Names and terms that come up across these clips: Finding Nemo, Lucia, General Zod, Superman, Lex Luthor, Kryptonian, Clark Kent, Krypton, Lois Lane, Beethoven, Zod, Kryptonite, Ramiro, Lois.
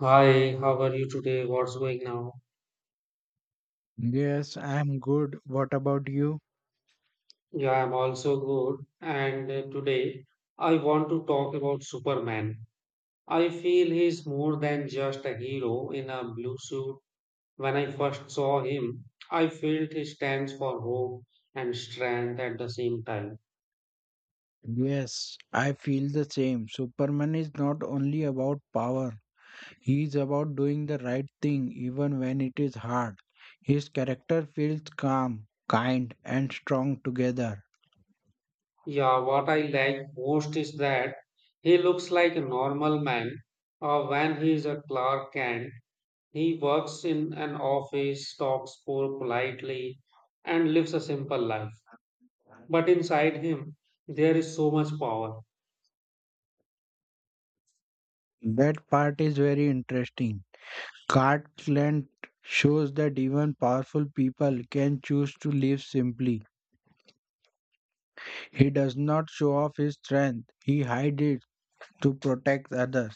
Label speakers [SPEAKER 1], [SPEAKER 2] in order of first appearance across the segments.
[SPEAKER 1] Hi, how are you today? What's going now?
[SPEAKER 2] Yes, I'm good. What about you?
[SPEAKER 1] Yeah, I'm also good. And today I want to talk about Superman. I feel he's more than just a hero in a blue suit. When I first saw him, I felt he stands for hope and strength at the same time.
[SPEAKER 2] Yes, I feel the same. Superman is not only about power, he is about doing the right thing even when it is hard. His character feels calm, kind, and strong together.
[SPEAKER 1] Yeah, what I like most is that he looks like a normal man when he's a Clark Kent. He works in an office, talks poor politely, and lives a simple life. But inside him, there is so much power.
[SPEAKER 2] That part is very interesting. Cartland shows that even powerful people can choose to live simply. He does not show off his strength, he hides it to protect others.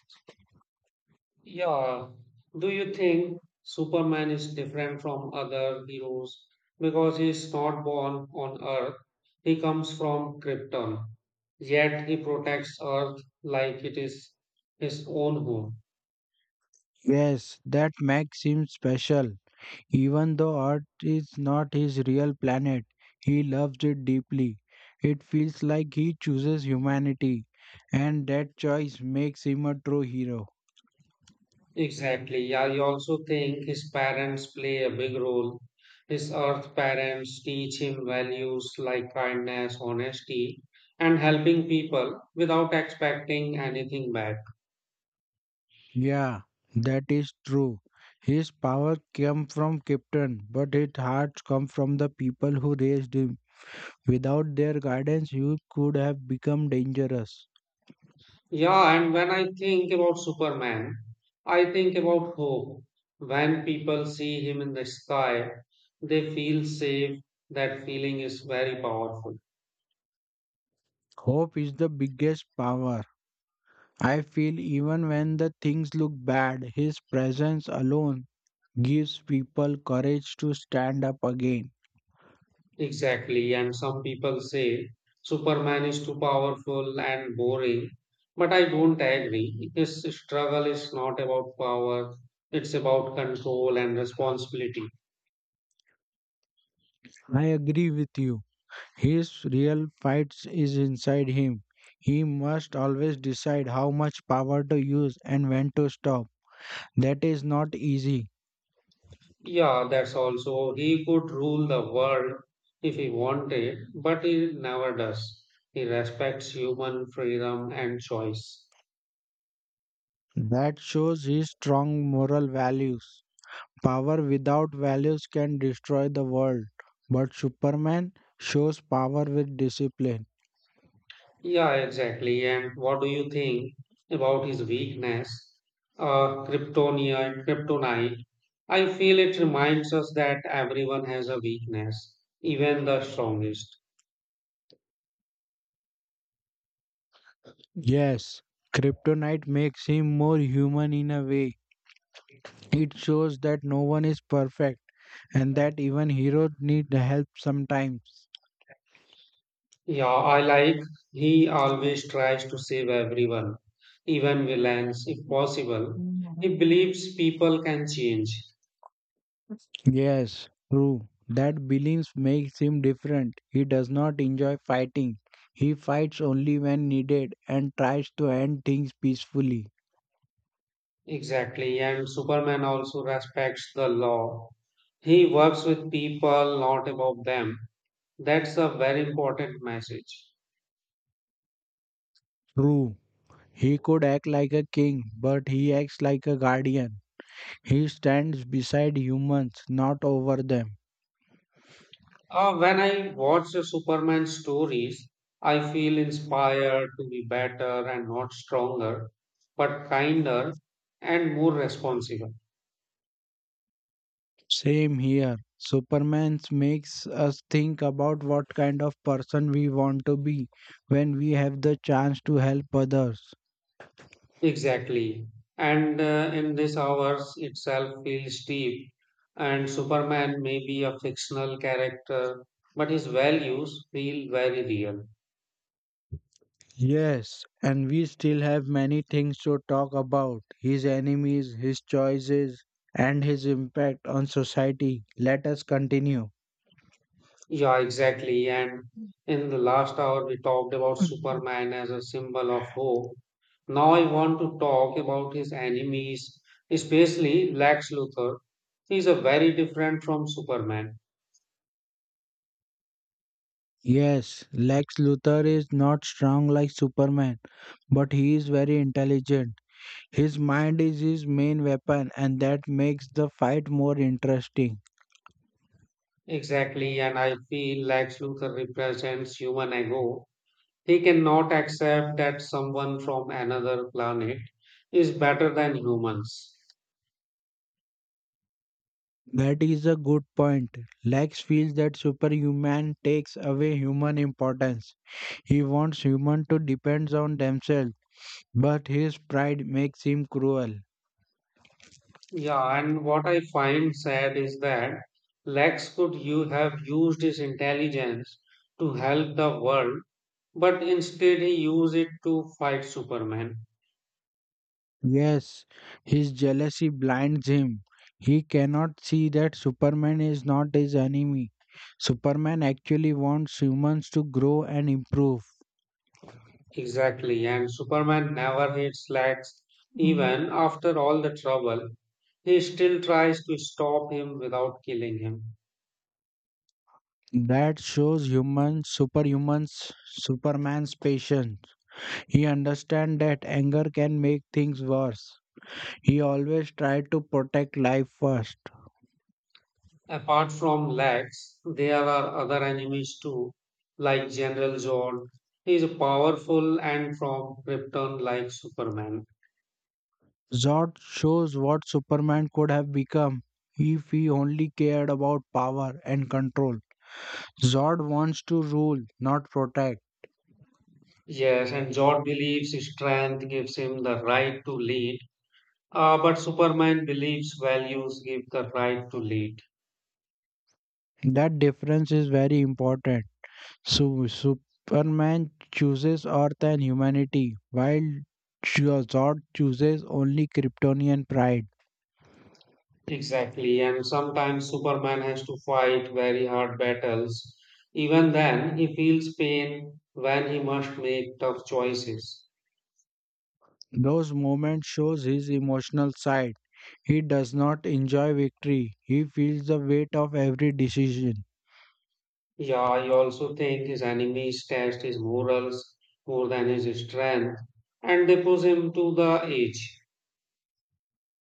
[SPEAKER 1] Yeah. Do you think Superman is different from other heroes because he is not born on Earth? He comes from Krypton, yet he protects Earth like it is his own home.
[SPEAKER 2] Yes, that makes him special. Even though Earth is not his real planet, he loves it deeply. It feels like he chooses humanity, and that choice makes him a true hero.
[SPEAKER 1] Exactly. I also think his parents play a big role. His earth parents teach him values like kindness, honesty, and helping people without expecting anything back.
[SPEAKER 2] Yeah, that is true. His power came from Krypton, but his heart comes from the people who raised him. Without their guidance, he could have become dangerous.
[SPEAKER 1] Yeah, and when I think about Superman, I think about hope. When people see him in the sky, they feel safe. That feeling is very powerful.
[SPEAKER 2] Hope is the biggest power. I feel even when the things look bad, his presence alone gives people courage to stand up again.
[SPEAKER 1] Exactly, and some people say Superman is too powerful and boring, but I don't agree. His struggle is not about power, it's about control and responsibility.
[SPEAKER 2] I agree with you. His real fights is inside him. He must always decide how much power to use and when to stop. That is not easy.
[SPEAKER 1] Yeah, that's also, he could rule the world if he wanted, but he never does. He respects human freedom and choice.
[SPEAKER 2] That shows his strong moral values. Power without values can destroy the world, but Superman shows power with discipline.
[SPEAKER 1] Yeah, exactly. And what do you think about his weakness? Kryptonia Kryptonite. I feel it reminds us that everyone has a weakness, even the strongest.
[SPEAKER 2] Yes, Kryptonite makes him more human in a way. It shows that no one is perfect and that even heroes need help sometimes.
[SPEAKER 1] Yeah, I like he always tries to save everyone, even villains, if possible. He believes people can change.
[SPEAKER 2] Yes, true. That belief makes him different. He does not enjoy fighting. He fights only when needed and tries to end things peacefully.
[SPEAKER 1] Exactly. And Superman also respects the law. He works with people, not above them. That's a very important message.
[SPEAKER 2] True. He could act like a king, but he acts like a guardian. He stands beside humans, not over them.
[SPEAKER 1] When I watch the Superman stories, I feel inspired to be better and not stronger, but kinder and more responsible.
[SPEAKER 2] Same here. Superman makes us think about what kind of person we want to be when we have the chance to help others.
[SPEAKER 1] Exactly. And in this hours itself feels deep. And Superman may be a fictional character, but his values feel very real.
[SPEAKER 2] Yes, and we still have many things to talk about his enemies, his choices, and his impact on society. Let us continue.
[SPEAKER 1] Yeah, exactly. And in the last hour, we talked about
[SPEAKER 2] Mhm.
[SPEAKER 1] Superman as a symbol of hope. Now I want to talk about his enemies, especially Lex Luthor. He's a very different from Superman.
[SPEAKER 2] Yes, Lex Luthor is not strong like Superman, but he is very intelligent. His mind is his main weapon, and that makes the fight more interesting.
[SPEAKER 1] Exactly, and I feel Lex Luthor represents human ego. He cannot accept that someone from another planet is better than humans.
[SPEAKER 2] That is a good point. Lex feels that superhuman takes away human importance. He wants human to depend on themselves, but his pride makes him cruel.
[SPEAKER 1] Yeah, and what I find sad is that Lex could you have used his intelligence to help the world, but instead he used it to fight Superman.
[SPEAKER 2] Yes, his jealousy blinds him. He cannot see that Superman is not his enemy. Superman actually wants humans to grow and improve.
[SPEAKER 1] Exactly, and Superman never hates Lex. Even after all the trouble, he still tries to stop him without killing him.
[SPEAKER 2] That shows human superhumans Superman's patience. He understands that anger can make things worse. He always tried to protect life first.
[SPEAKER 1] Apart from Lex, there are other enemies too, like General Zod. He is powerful and from Krypton like Superman.
[SPEAKER 2] Zod shows what Superman could have become if he only cared about power and control. Zod wants to rule, not protect.
[SPEAKER 1] Yes, and Zod believes his strength gives him the right to lead, but Superman believes values give the right to lead.
[SPEAKER 2] That difference is very important. So Superman chooses Earth and humanity, while Zod chooses only Kryptonian pride.
[SPEAKER 1] Exactly, and sometimes Superman has to fight very hard battles. Even then, he feels pain when he must make tough choices.
[SPEAKER 2] Those moments shows his emotional side. He does not enjoy victory. He feels the weight of every decision.
[SPEAKER 1] Yeah, I also think his enemies test his morals more than his strength, and they push him to the edge.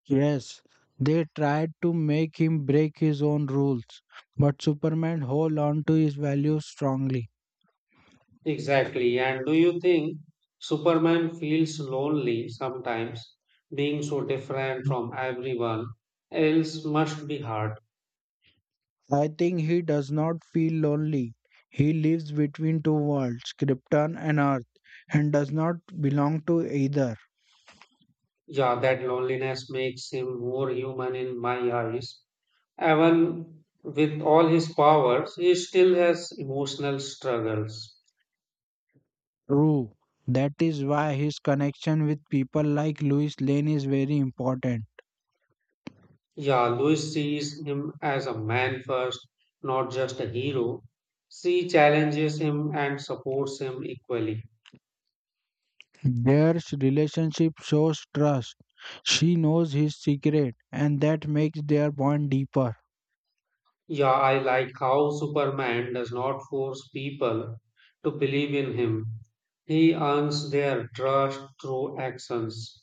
[SPEAKER 2] Yes, they tried to make him break his own rules, but Superman hold on to his values strongly.
[SPEAKER 1] Exactly. And do you think Superman feels lonely sometimes? Being so different from everyone else must be hard.
[SPEAKER 2] I think he does not feel lonely. He lives between two worlds, Krypton and Earth, and does not belong to either.
[SPEAKER 1] Yeah, that loneliness makes him more human in my eyes. Even with all his powers, he still has emotional struggles.
[SPEAKER 2] True. That is why his connection with people like Louis Lane is very important.
[SPEAKER 1] Yeah, Lois sees him as a man first, not just a hero. She challenges him and supports him equally.
[SPEAKER 2] Their relationship shows trust. She knows his secret, and that makes their bond deeper.
[SPEAKER 1] Yeah, I like how Superman does not force people to believe in him. He earns their trust through actions.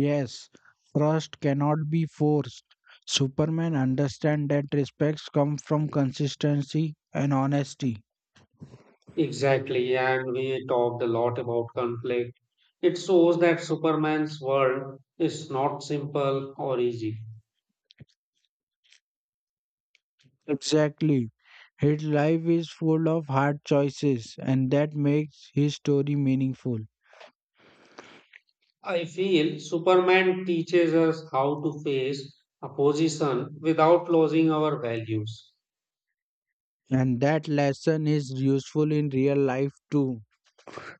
[SPEAKER 2] Yes, trust cannot be forced. Superman understands that respects come from consistency and honesty.
[SPEAKER 1] Exactly, and we talked a lot about conflict. It shows that Superman's world is not simple or easy.
[SPEAKER 2] Exactly. His life is full of hard choices, and that makes his story meaningful.
[SPEAKER 1] I feel Superman teaches us how to face opposition without losing our values.
[SPEAKER 2] And that lesson is useful in real life too.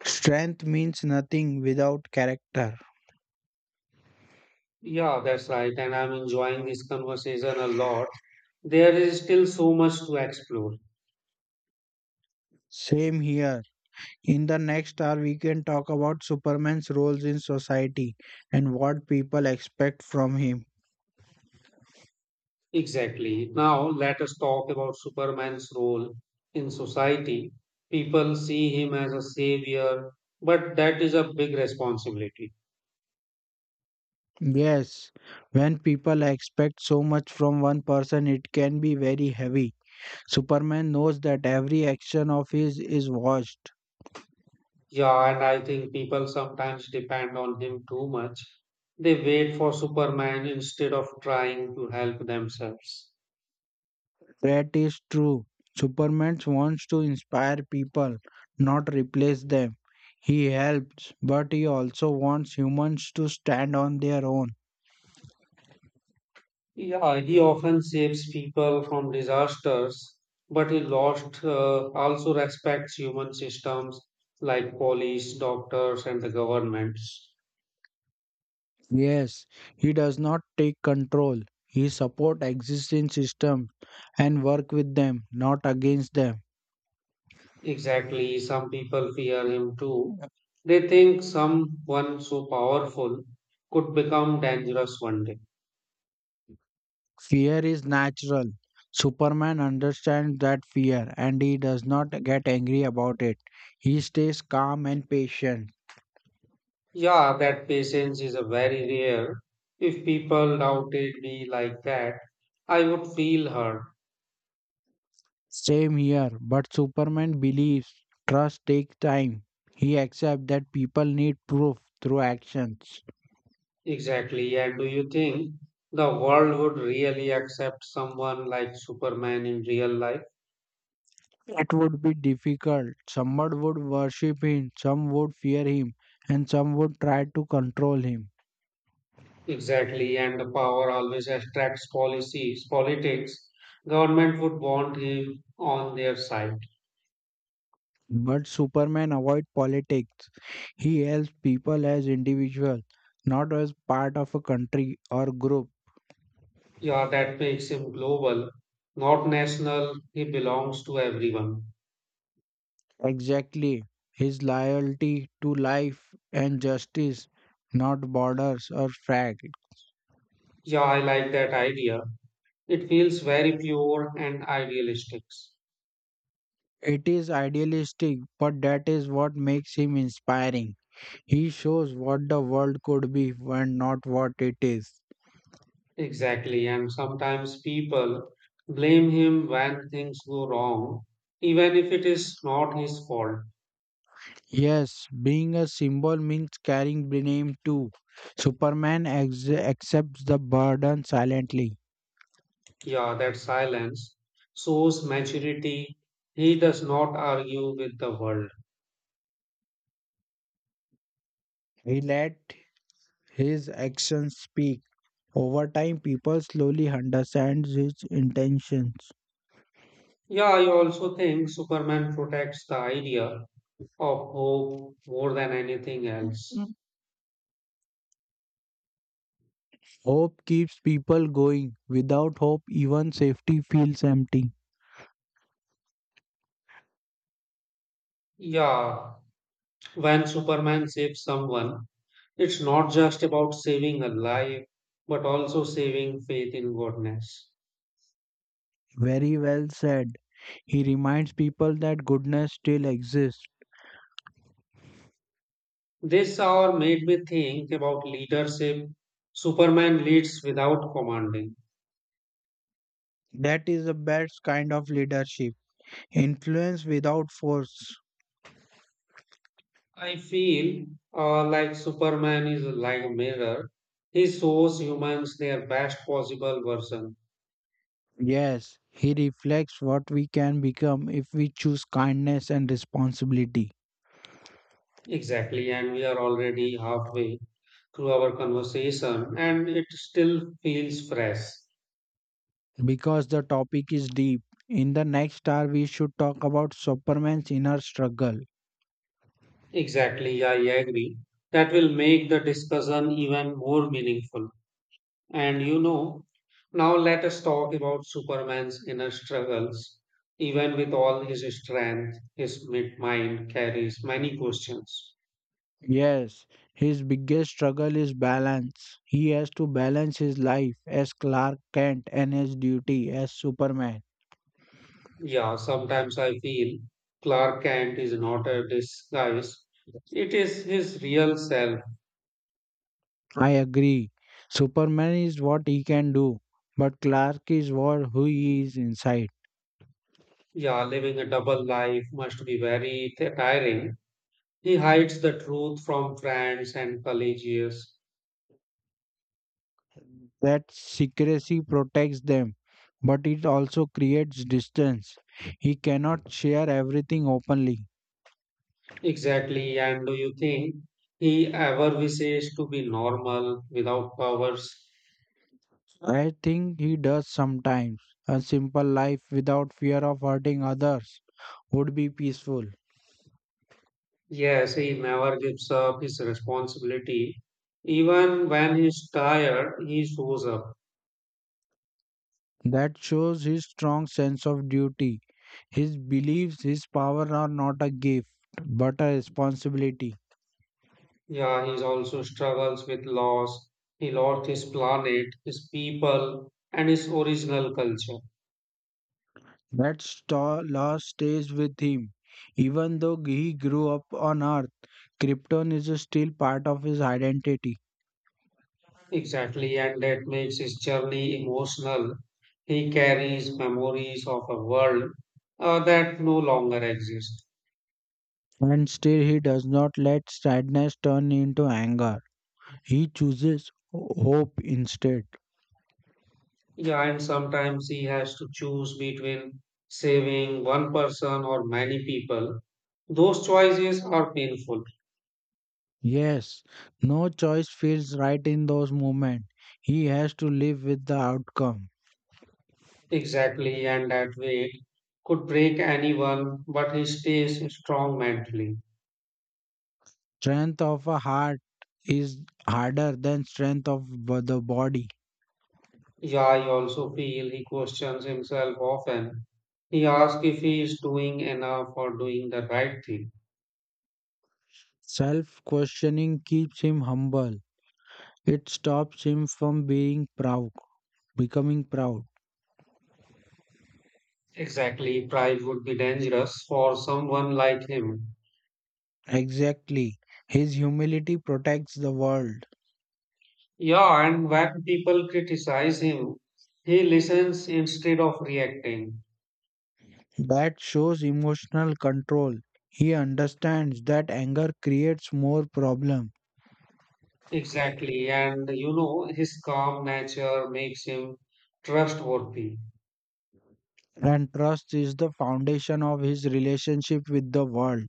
[SPEAKER 2] Strength means nothing without character.
[SPEAKER 1] Yeah, that's right, and I'm enjoying this conversation a lot. There is still so much to explore.
[SPEAKER 2] Same here. In the next hour, we can talk about Superman's roles in society and what people expect from him.
[SPEAKER 1] Exactly. Now, let us talk about Superman's role in society. People see him as a savior, but that is a big responsibility.
[SPEAKER 2] Yes, when people expect so much from one person, it can be very heavy. Superman knows that every action of his is watched.
[SPEAKER 1] Yeah, and I think people sometimes depend on him too much. They wait for Superman instead of trying to help themselves.
[SPEAKER 2] That is true. Superman wants to inspire people, not replace them. He helps, but he also wants humans to stand on their own.
[SPEAKER 1] Yeah, he often saves people from disasters, but he lost also respects human systems like police, doctors, and the governments.
[SPEAKER 2] Yes, he does not take control. He supports existing systems and work with them, not against them.
[SPEAKER 1] Exactly, some people fear him too. They think someone so powerful could become dangerous one day.
[SPEAKER 2] Fear is natural. Superman understands that fear and he does not get angry about it. He stays calm and patient.
[SPEAKER 1] Yeah, that patience is a very rare. If people doubted me like that, I would feel hurt.
[SPEAKER 2] Same here, but Superman believes trust takes time. He accepts that people need proof through actions.
[SPEAKER 1] Exactly. And do you think the world would really accept someone like Superman in real life?
[SPEAKER 2] It would be difficult. Someone would worship him, some would fear him, and some would try to control him.
[SPEAKER 1] Exactly. And the power always attracts policies, politics. Government would want him on their side.
[SPEAKER 2] But Superman avoids politics. He helps people as individuals, not as part of a country or group.
[SPEAKER 1] Yeah, that makes him global, not national. He belongs to everyone.
[SPEAKER 2] Exactly. His loyalty to life and justice, not borders or flag.
[SPEAKER 1] Yeah, I like that idea. It feels very pure and idealistic.
[SPEAKER 2] It is idealistic, but that is what makes him inspiring. He shows what the world could be and not what it is.
[SPEAKER 1] Exactly, and sometimes people blame him when things go wrong, even if it is not his fault.
[SPEAKER 2] Yes, being a symbol means carrying the name too. Superman accepts the burden silently.
[SPEAKER 1] Yeah, that silence shows maturity. He does not argue with the world.
[SPEAKER 2] He let his actions speak. Over time, people slowly understand his intentions.
[SPEAKER 1] Yeah, I also think Superman protects the idea of hope more than anything else.
[SPEAKER 2] Mm. Hope keeps people going. Without hope, even safety feels empty.
[SPEAKER 1] Yeah, when Superman saves someone, it's not just about saving a life, but also saving faith in goodness.
[SPEAKER 2] Very well said. He reminds people that goodness still exists.
[SPEAKER 1] This hour made me think about leadership. Superman leads without commanding.
[SPEAKER 2] That is the best kind of leadership. Influence without force.
[SPEAKER 1] I feel like Superman is like a mirror. He shows humans their best possible version.
[SPEAKER 2] Yes, he reflects what we can become if we choose kindness and responsibility.
[SPEAKER 1] Exactly, and we are already halfway through our conversation, and it still feels fresh.
[SPEAKER 2] Because the topic is deep, in the next hour we should talk about Superman's inner struggle.
[SPEAKER 1] Exactly, I agree. That will make the discussion even more meaningful. And you know, now let us talk about Superman's inner struggles. Even with all his strength, his mind carries many questions.
[SPEAKER 2] Yes, his biggest struggle is balance. He has to balance his life as Clark Kent and his duty as Superman.
[SPEAKER 1] Yeah, sometimes I feel Clark Kent is not a disguise, it is his real self.
[SPEAKER 2] I agree. Superman is what he can do, but Clark is what who he is inside.
[SPEAKER 1] Yeah, living a double life must be very tiring. He hides the truth from friends and colleagues.
[SPEAKER 2] That secrecy protects them, but it also creates distance. He cannot share everything openly.
[SPEAKER 1] Exactly. And do you think he ever wishes to be normal without powers?
[SPEAKER 2] I think he does sometimes. A simple life without fear of hurting others would be peaceful.
[SPEAKER 1] Yes, he never gives up his responsibility. Even when he's tired, he shows up.
[SPEAKER 2] That shows his strong sense of duty. His beliefs, his power are not a gift, but a responsibility.
[SPEAKER 1] Yeah, he also struggles with loss. He lost his planet, his people, and his original culture.
[SPEAKER 2] That law stays with him. Even though he grew up on Earth, Krypton is still part of his identity.
[SPEAKER 1] Exactly, and that makes his journey emotional. He carries memories of a world that no longer exists.
[SPEAKER 2] And still, he does not let sadness turn into anger. He chooses hope instead.
[SPEAKER 1] Yeah, and sometimes he has to choose between saving one person or many people. Those choices are painful.
[SPEAKER 2] Yes, no choice feels right in those moments. He has to live with the outcome.
[SPEAKER 1] Exactly, and that weight could break anyone, but he stays strong mentally.
[SPEAKER 2] Strength of a heart is harder than strength of the body.
[SPEAKER 1] Yeah, I also feel he questions himself often. He asks if he is doing enough or doing the right thing.
[SPEAKER 2] Self questioning keeps him humble. It stops him from becoming proud.
[SPEAKER 1] Exactly, pride would be dangerous for someone like him.
[SPEAKER 2] Exactly. His humility protects the world.
[SPEAKER 1] Yeah, and when people criticize him, he listens instead of reacting.
[SPEAKER 2] That shows emotional control. He understands that anger creates more problem
[SPEAKER 1] Exactly. And you know, his calm nature makes him trustworthy.
[SPEAKER 2] and trust is the foundation of his relationship with the world.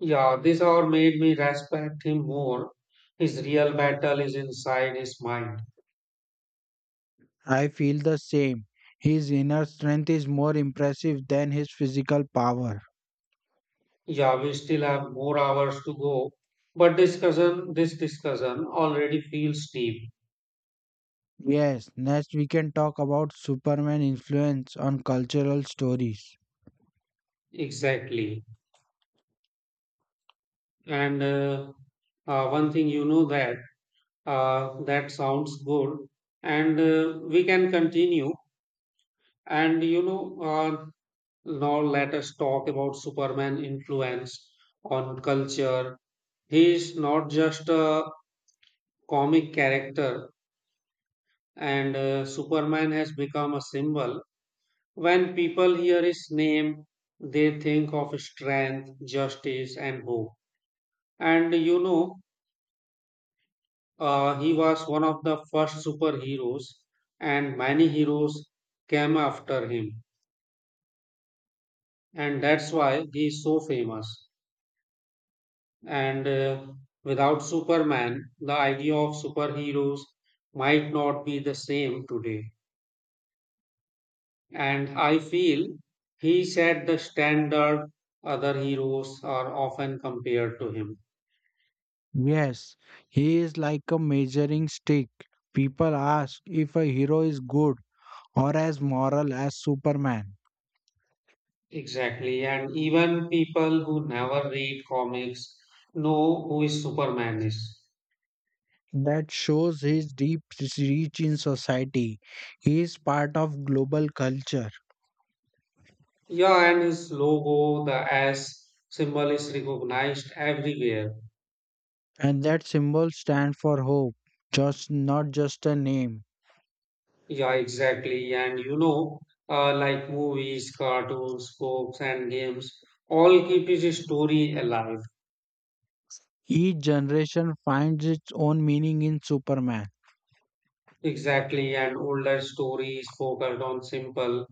[SPEAKER 1] Yeah, this hour made me respect him more. His real battle is inside his mind.
[SPEAKER 2] I feel the same. His inner strength is more impressive than his physical power.
[SPEAKER 1] Yeah, we still have more hours to go, but this discussion already feels deep.
[SPEAKER 2] Yes, next we can talk about Superman influence on cultural stories.
[SPEAKER 1] Exactly. And one thing you know that. That sounds good. And we can continue. And you know, now let us talk about Superman influence on culture. He is not just a comic character, and Superman has become a symbol. When people hear his name, they think of strength, justice, and hope. And you know, he was one of the first superheroes, and many heroes came after him, and that's why he is so famous. And without Superman, the idea of superheroes might not be the same today. And I feel he set the standard other heroes are often compared to him.
[SPEAKER 2] Yes, he is like a measuring stick. People ask if a hero is good or as moral as Superman.
[SPEAKER 1] Exactly, and even people who never read comics know who is Superman is.
[SPEAKER 2] That shows his deep reach in society. He is part of global culture,
[SPEAKER 1] Yeah, and his logo, the S symbol is recognized everywhere.
[SPEAKER 2] and that symbol stands for hope, just not just a name.
[SPEAKER 1] Yeah, exactly. And you know, like movies, cartoons, books, and games, all keep his story alive.
[SPEAKER 2] Each generation finds its own meaning in Superman.
[SPEAKER 1] Exactly. And older stories focused on simple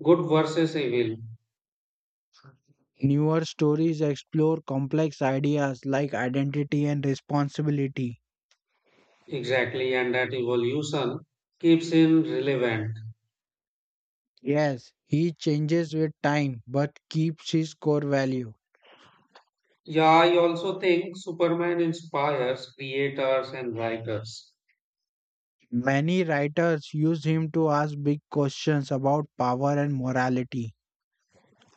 [SPEAKER 1] good versus evil.
[SPEAKER 2] Newer stories explore complex ideas like identity and responsibility.
[SPEAKER 1] Exactly. And that evolution keeps him relevant.
[SPEAKER 2] Yes, he changes with time but keeps his core value.
[SPEAKER 1] Yeah, I also think Superman inspires creators and writers.
[SPEAKER 2] Many writers use him to ask big questions about power and morality,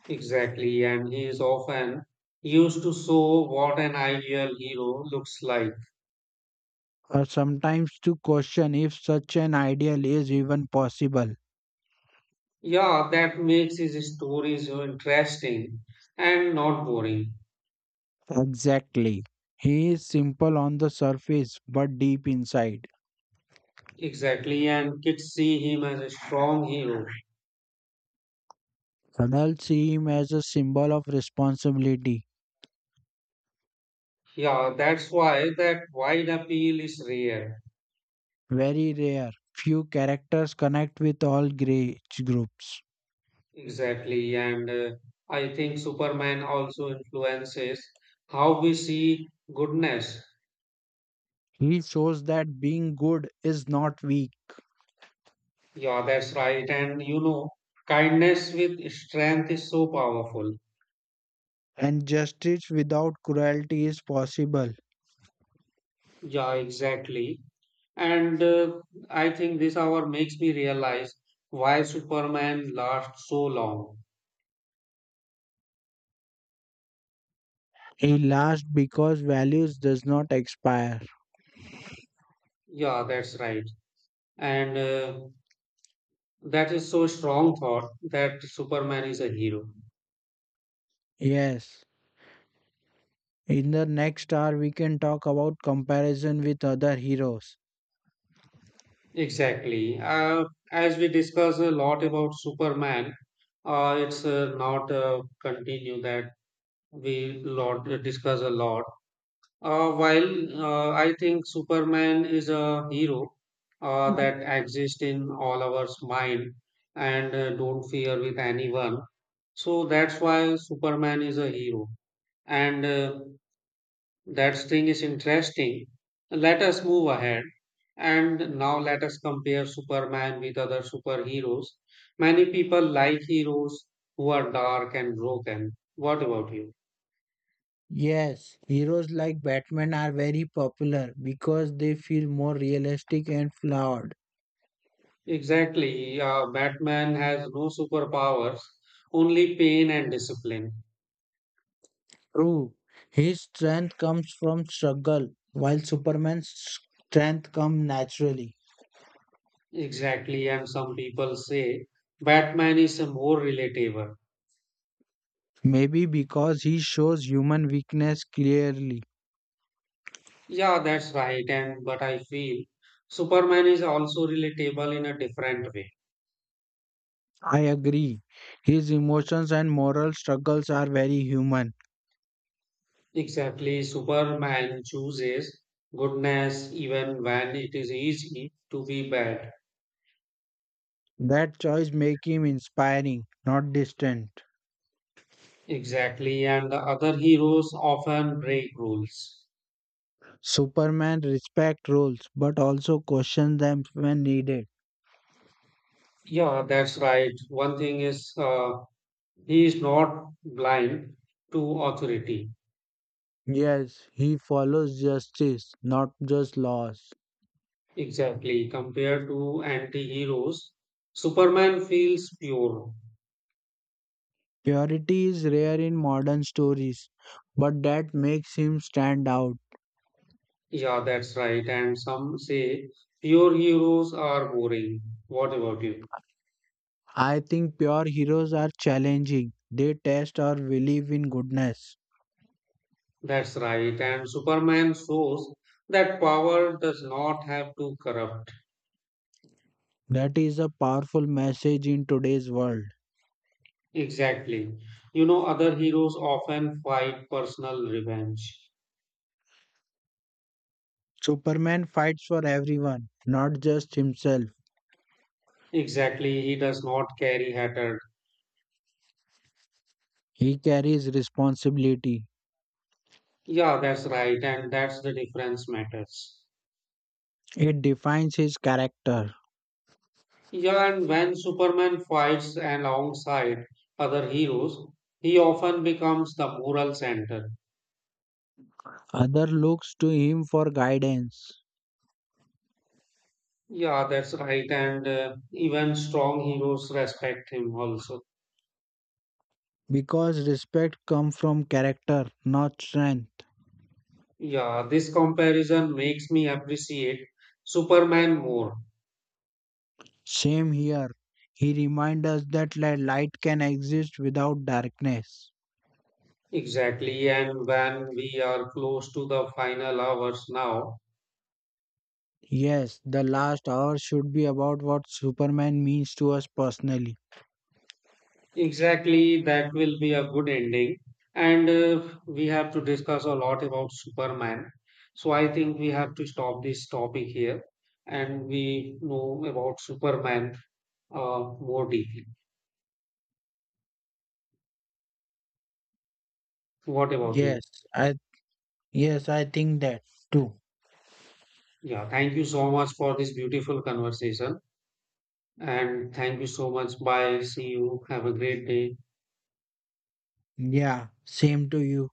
[SPEAKER 1] Exactly, and he is often used to show what an ideal hero looks like.
[SPEAKER 2] or sometimes to question if such an ideal is even possible.
[SPEAKER 1] Yeah, that makes his stories so interesting and not boring.
[SPEAKER 2] Exactly. He is simple on the surface but deep inside.
[SPEAKER 1] Exactly, and kids see him as a strong hero.
[SPEAKER 2] Adults see him as a symbol of responsibility.
[SPEAKER 1] Yeah, that's why that wide appeal is rare.
[SPEAKER 2] Very rare. Few characters connect with all grey groups.
[SPEAKER 1] Exactly, and I think Superman also influences how we see goodness.
[SPEAKER 2] He shows that being good is not weak
[SPEAKER 1] Yeah, that's right, and you know, kindness with strength is so powerful.
[SPEAKER 2] and justice without cruelty is possible.
[SPEAKER 1] Yeah, exactly. And I think this hour makes me realize why Superman lasts so long.
[SPEAKER 2] It lasts because values does not expire.
[SPEAKER 1] Yeah, that's right. And that is so strong thought that Superman is a hero.
[SPEAKER 2] Yes. In the next hour, we can talk about comparison with other heroes.
[SPEAKER 1] Exactly. As we discuss a lot about Superman, it's not a continue that we lot discuss a lot. While I think Superman is a hero
[SPEAKER 2] Mm.
[SPEAKER 1] that exists in all our mind and don't fear with anyone. So that's why Superman is a hero. And that thing is interesting. Let us move ahead. And now let us compare Superman with other superheroes. Many people like heroes who are dark and broken. What about you?
[SPEAKER 2] Yes, heroes like Batman are very popular because they feel more realistic and flawed.
[SPEAKER 1] Exactly. Batman has no superpowers, only pain and discipline.
[SPEAKER 2] True, his strength comes from struggle, while Superman's strength comes naturally.
[SPEAKER 1] Exactly. And some people say Batman is a more relatable.
[SPEAKER 2] Maybe because he shows human weakness clearly.
[SPEAKER 1] Yeah, that's right. And but I feel Superman is also relatable in a different way.
[SPEAKER 2] I agree. His emotions and moral struggles are very human.
[SPEAKER 1] Exactly. Superman chooses goodness even when it is easy to be bad.
[SPEAKER 2] That choice make him inspiring, not distant.
[SPEAKER 1] Exactly. And the other heroes often break rules.
[SPEAKER 2] Superman respect rules but also questions them when needed.
[SPEAKER 1] Yeah, that's right. One thing is he is not blind to authority.
[SPEAKER 2] Yes, he follows justice, not just laws.
[SPEAKER 1] Exactly. Compared to anti heroes, Superman feels pure.
[SPEAKER 2] Purity is rare in modern stories, but that makes him stand out.
[SPEAKER 1] Yeah, that's right. And some say pure heroes are boring. What about you?
[SPEAKER 2] I think pure heroes are challenging. They test our belief in goodness.
[SPEAKER 1] That's right. And Superman shows that power does not have to corrupt.
[SPEAKER 2] That is a powerful message in today's world.
[SPEAKER 1] Exactly. You know, other heroes often fight personal revenge.
[SPEAKER 2] Superman fights for everyone, not just himself.
[SPEAKER 1] Exactly. He does not carry hatred.
[SPEAKER 2] He carries responsibility.
[SPEAKER 1] Yeah, that's right, and that's the difference matters.
[SPEAKER 2] It defines his character.
[SPEAKER 1] Yeah, and when Superman fights alongside other heroes, he often becomes the moral center.
[SPEAKER 2] Other looks to him for guidance
[SPEAKER 1] Yeah, that's right, and even strong heroes respect him also.
[SPEAKER 2] because respect comes from character, not strength.
[SPEAKER 1] Yeah, this comparison makes me appreciate Superman more.
[SPEAKER 2] Same here. He reminds us that light can exist without darkness.
[SPEAKER 1] Exactly, and when we are close to the final hours now,
[SPEAKER 2] Yes, the last hour should be about what Superman means to us personally.
[SPEAKER 1] exactly, that will be a good ending. And we have to discuss a lot about Superman. So I think we have to stop this topic here and we know about Superman more deeply. What about you?
[SPEAKER 2] Yes, I yes, I think that too.
[SPEAKER 1] Yeah, thank you so much for this beautiful conversation. And thank you so much. Bye. See you. Have a great day.
[SPEAKER 2] Yeah, same to you.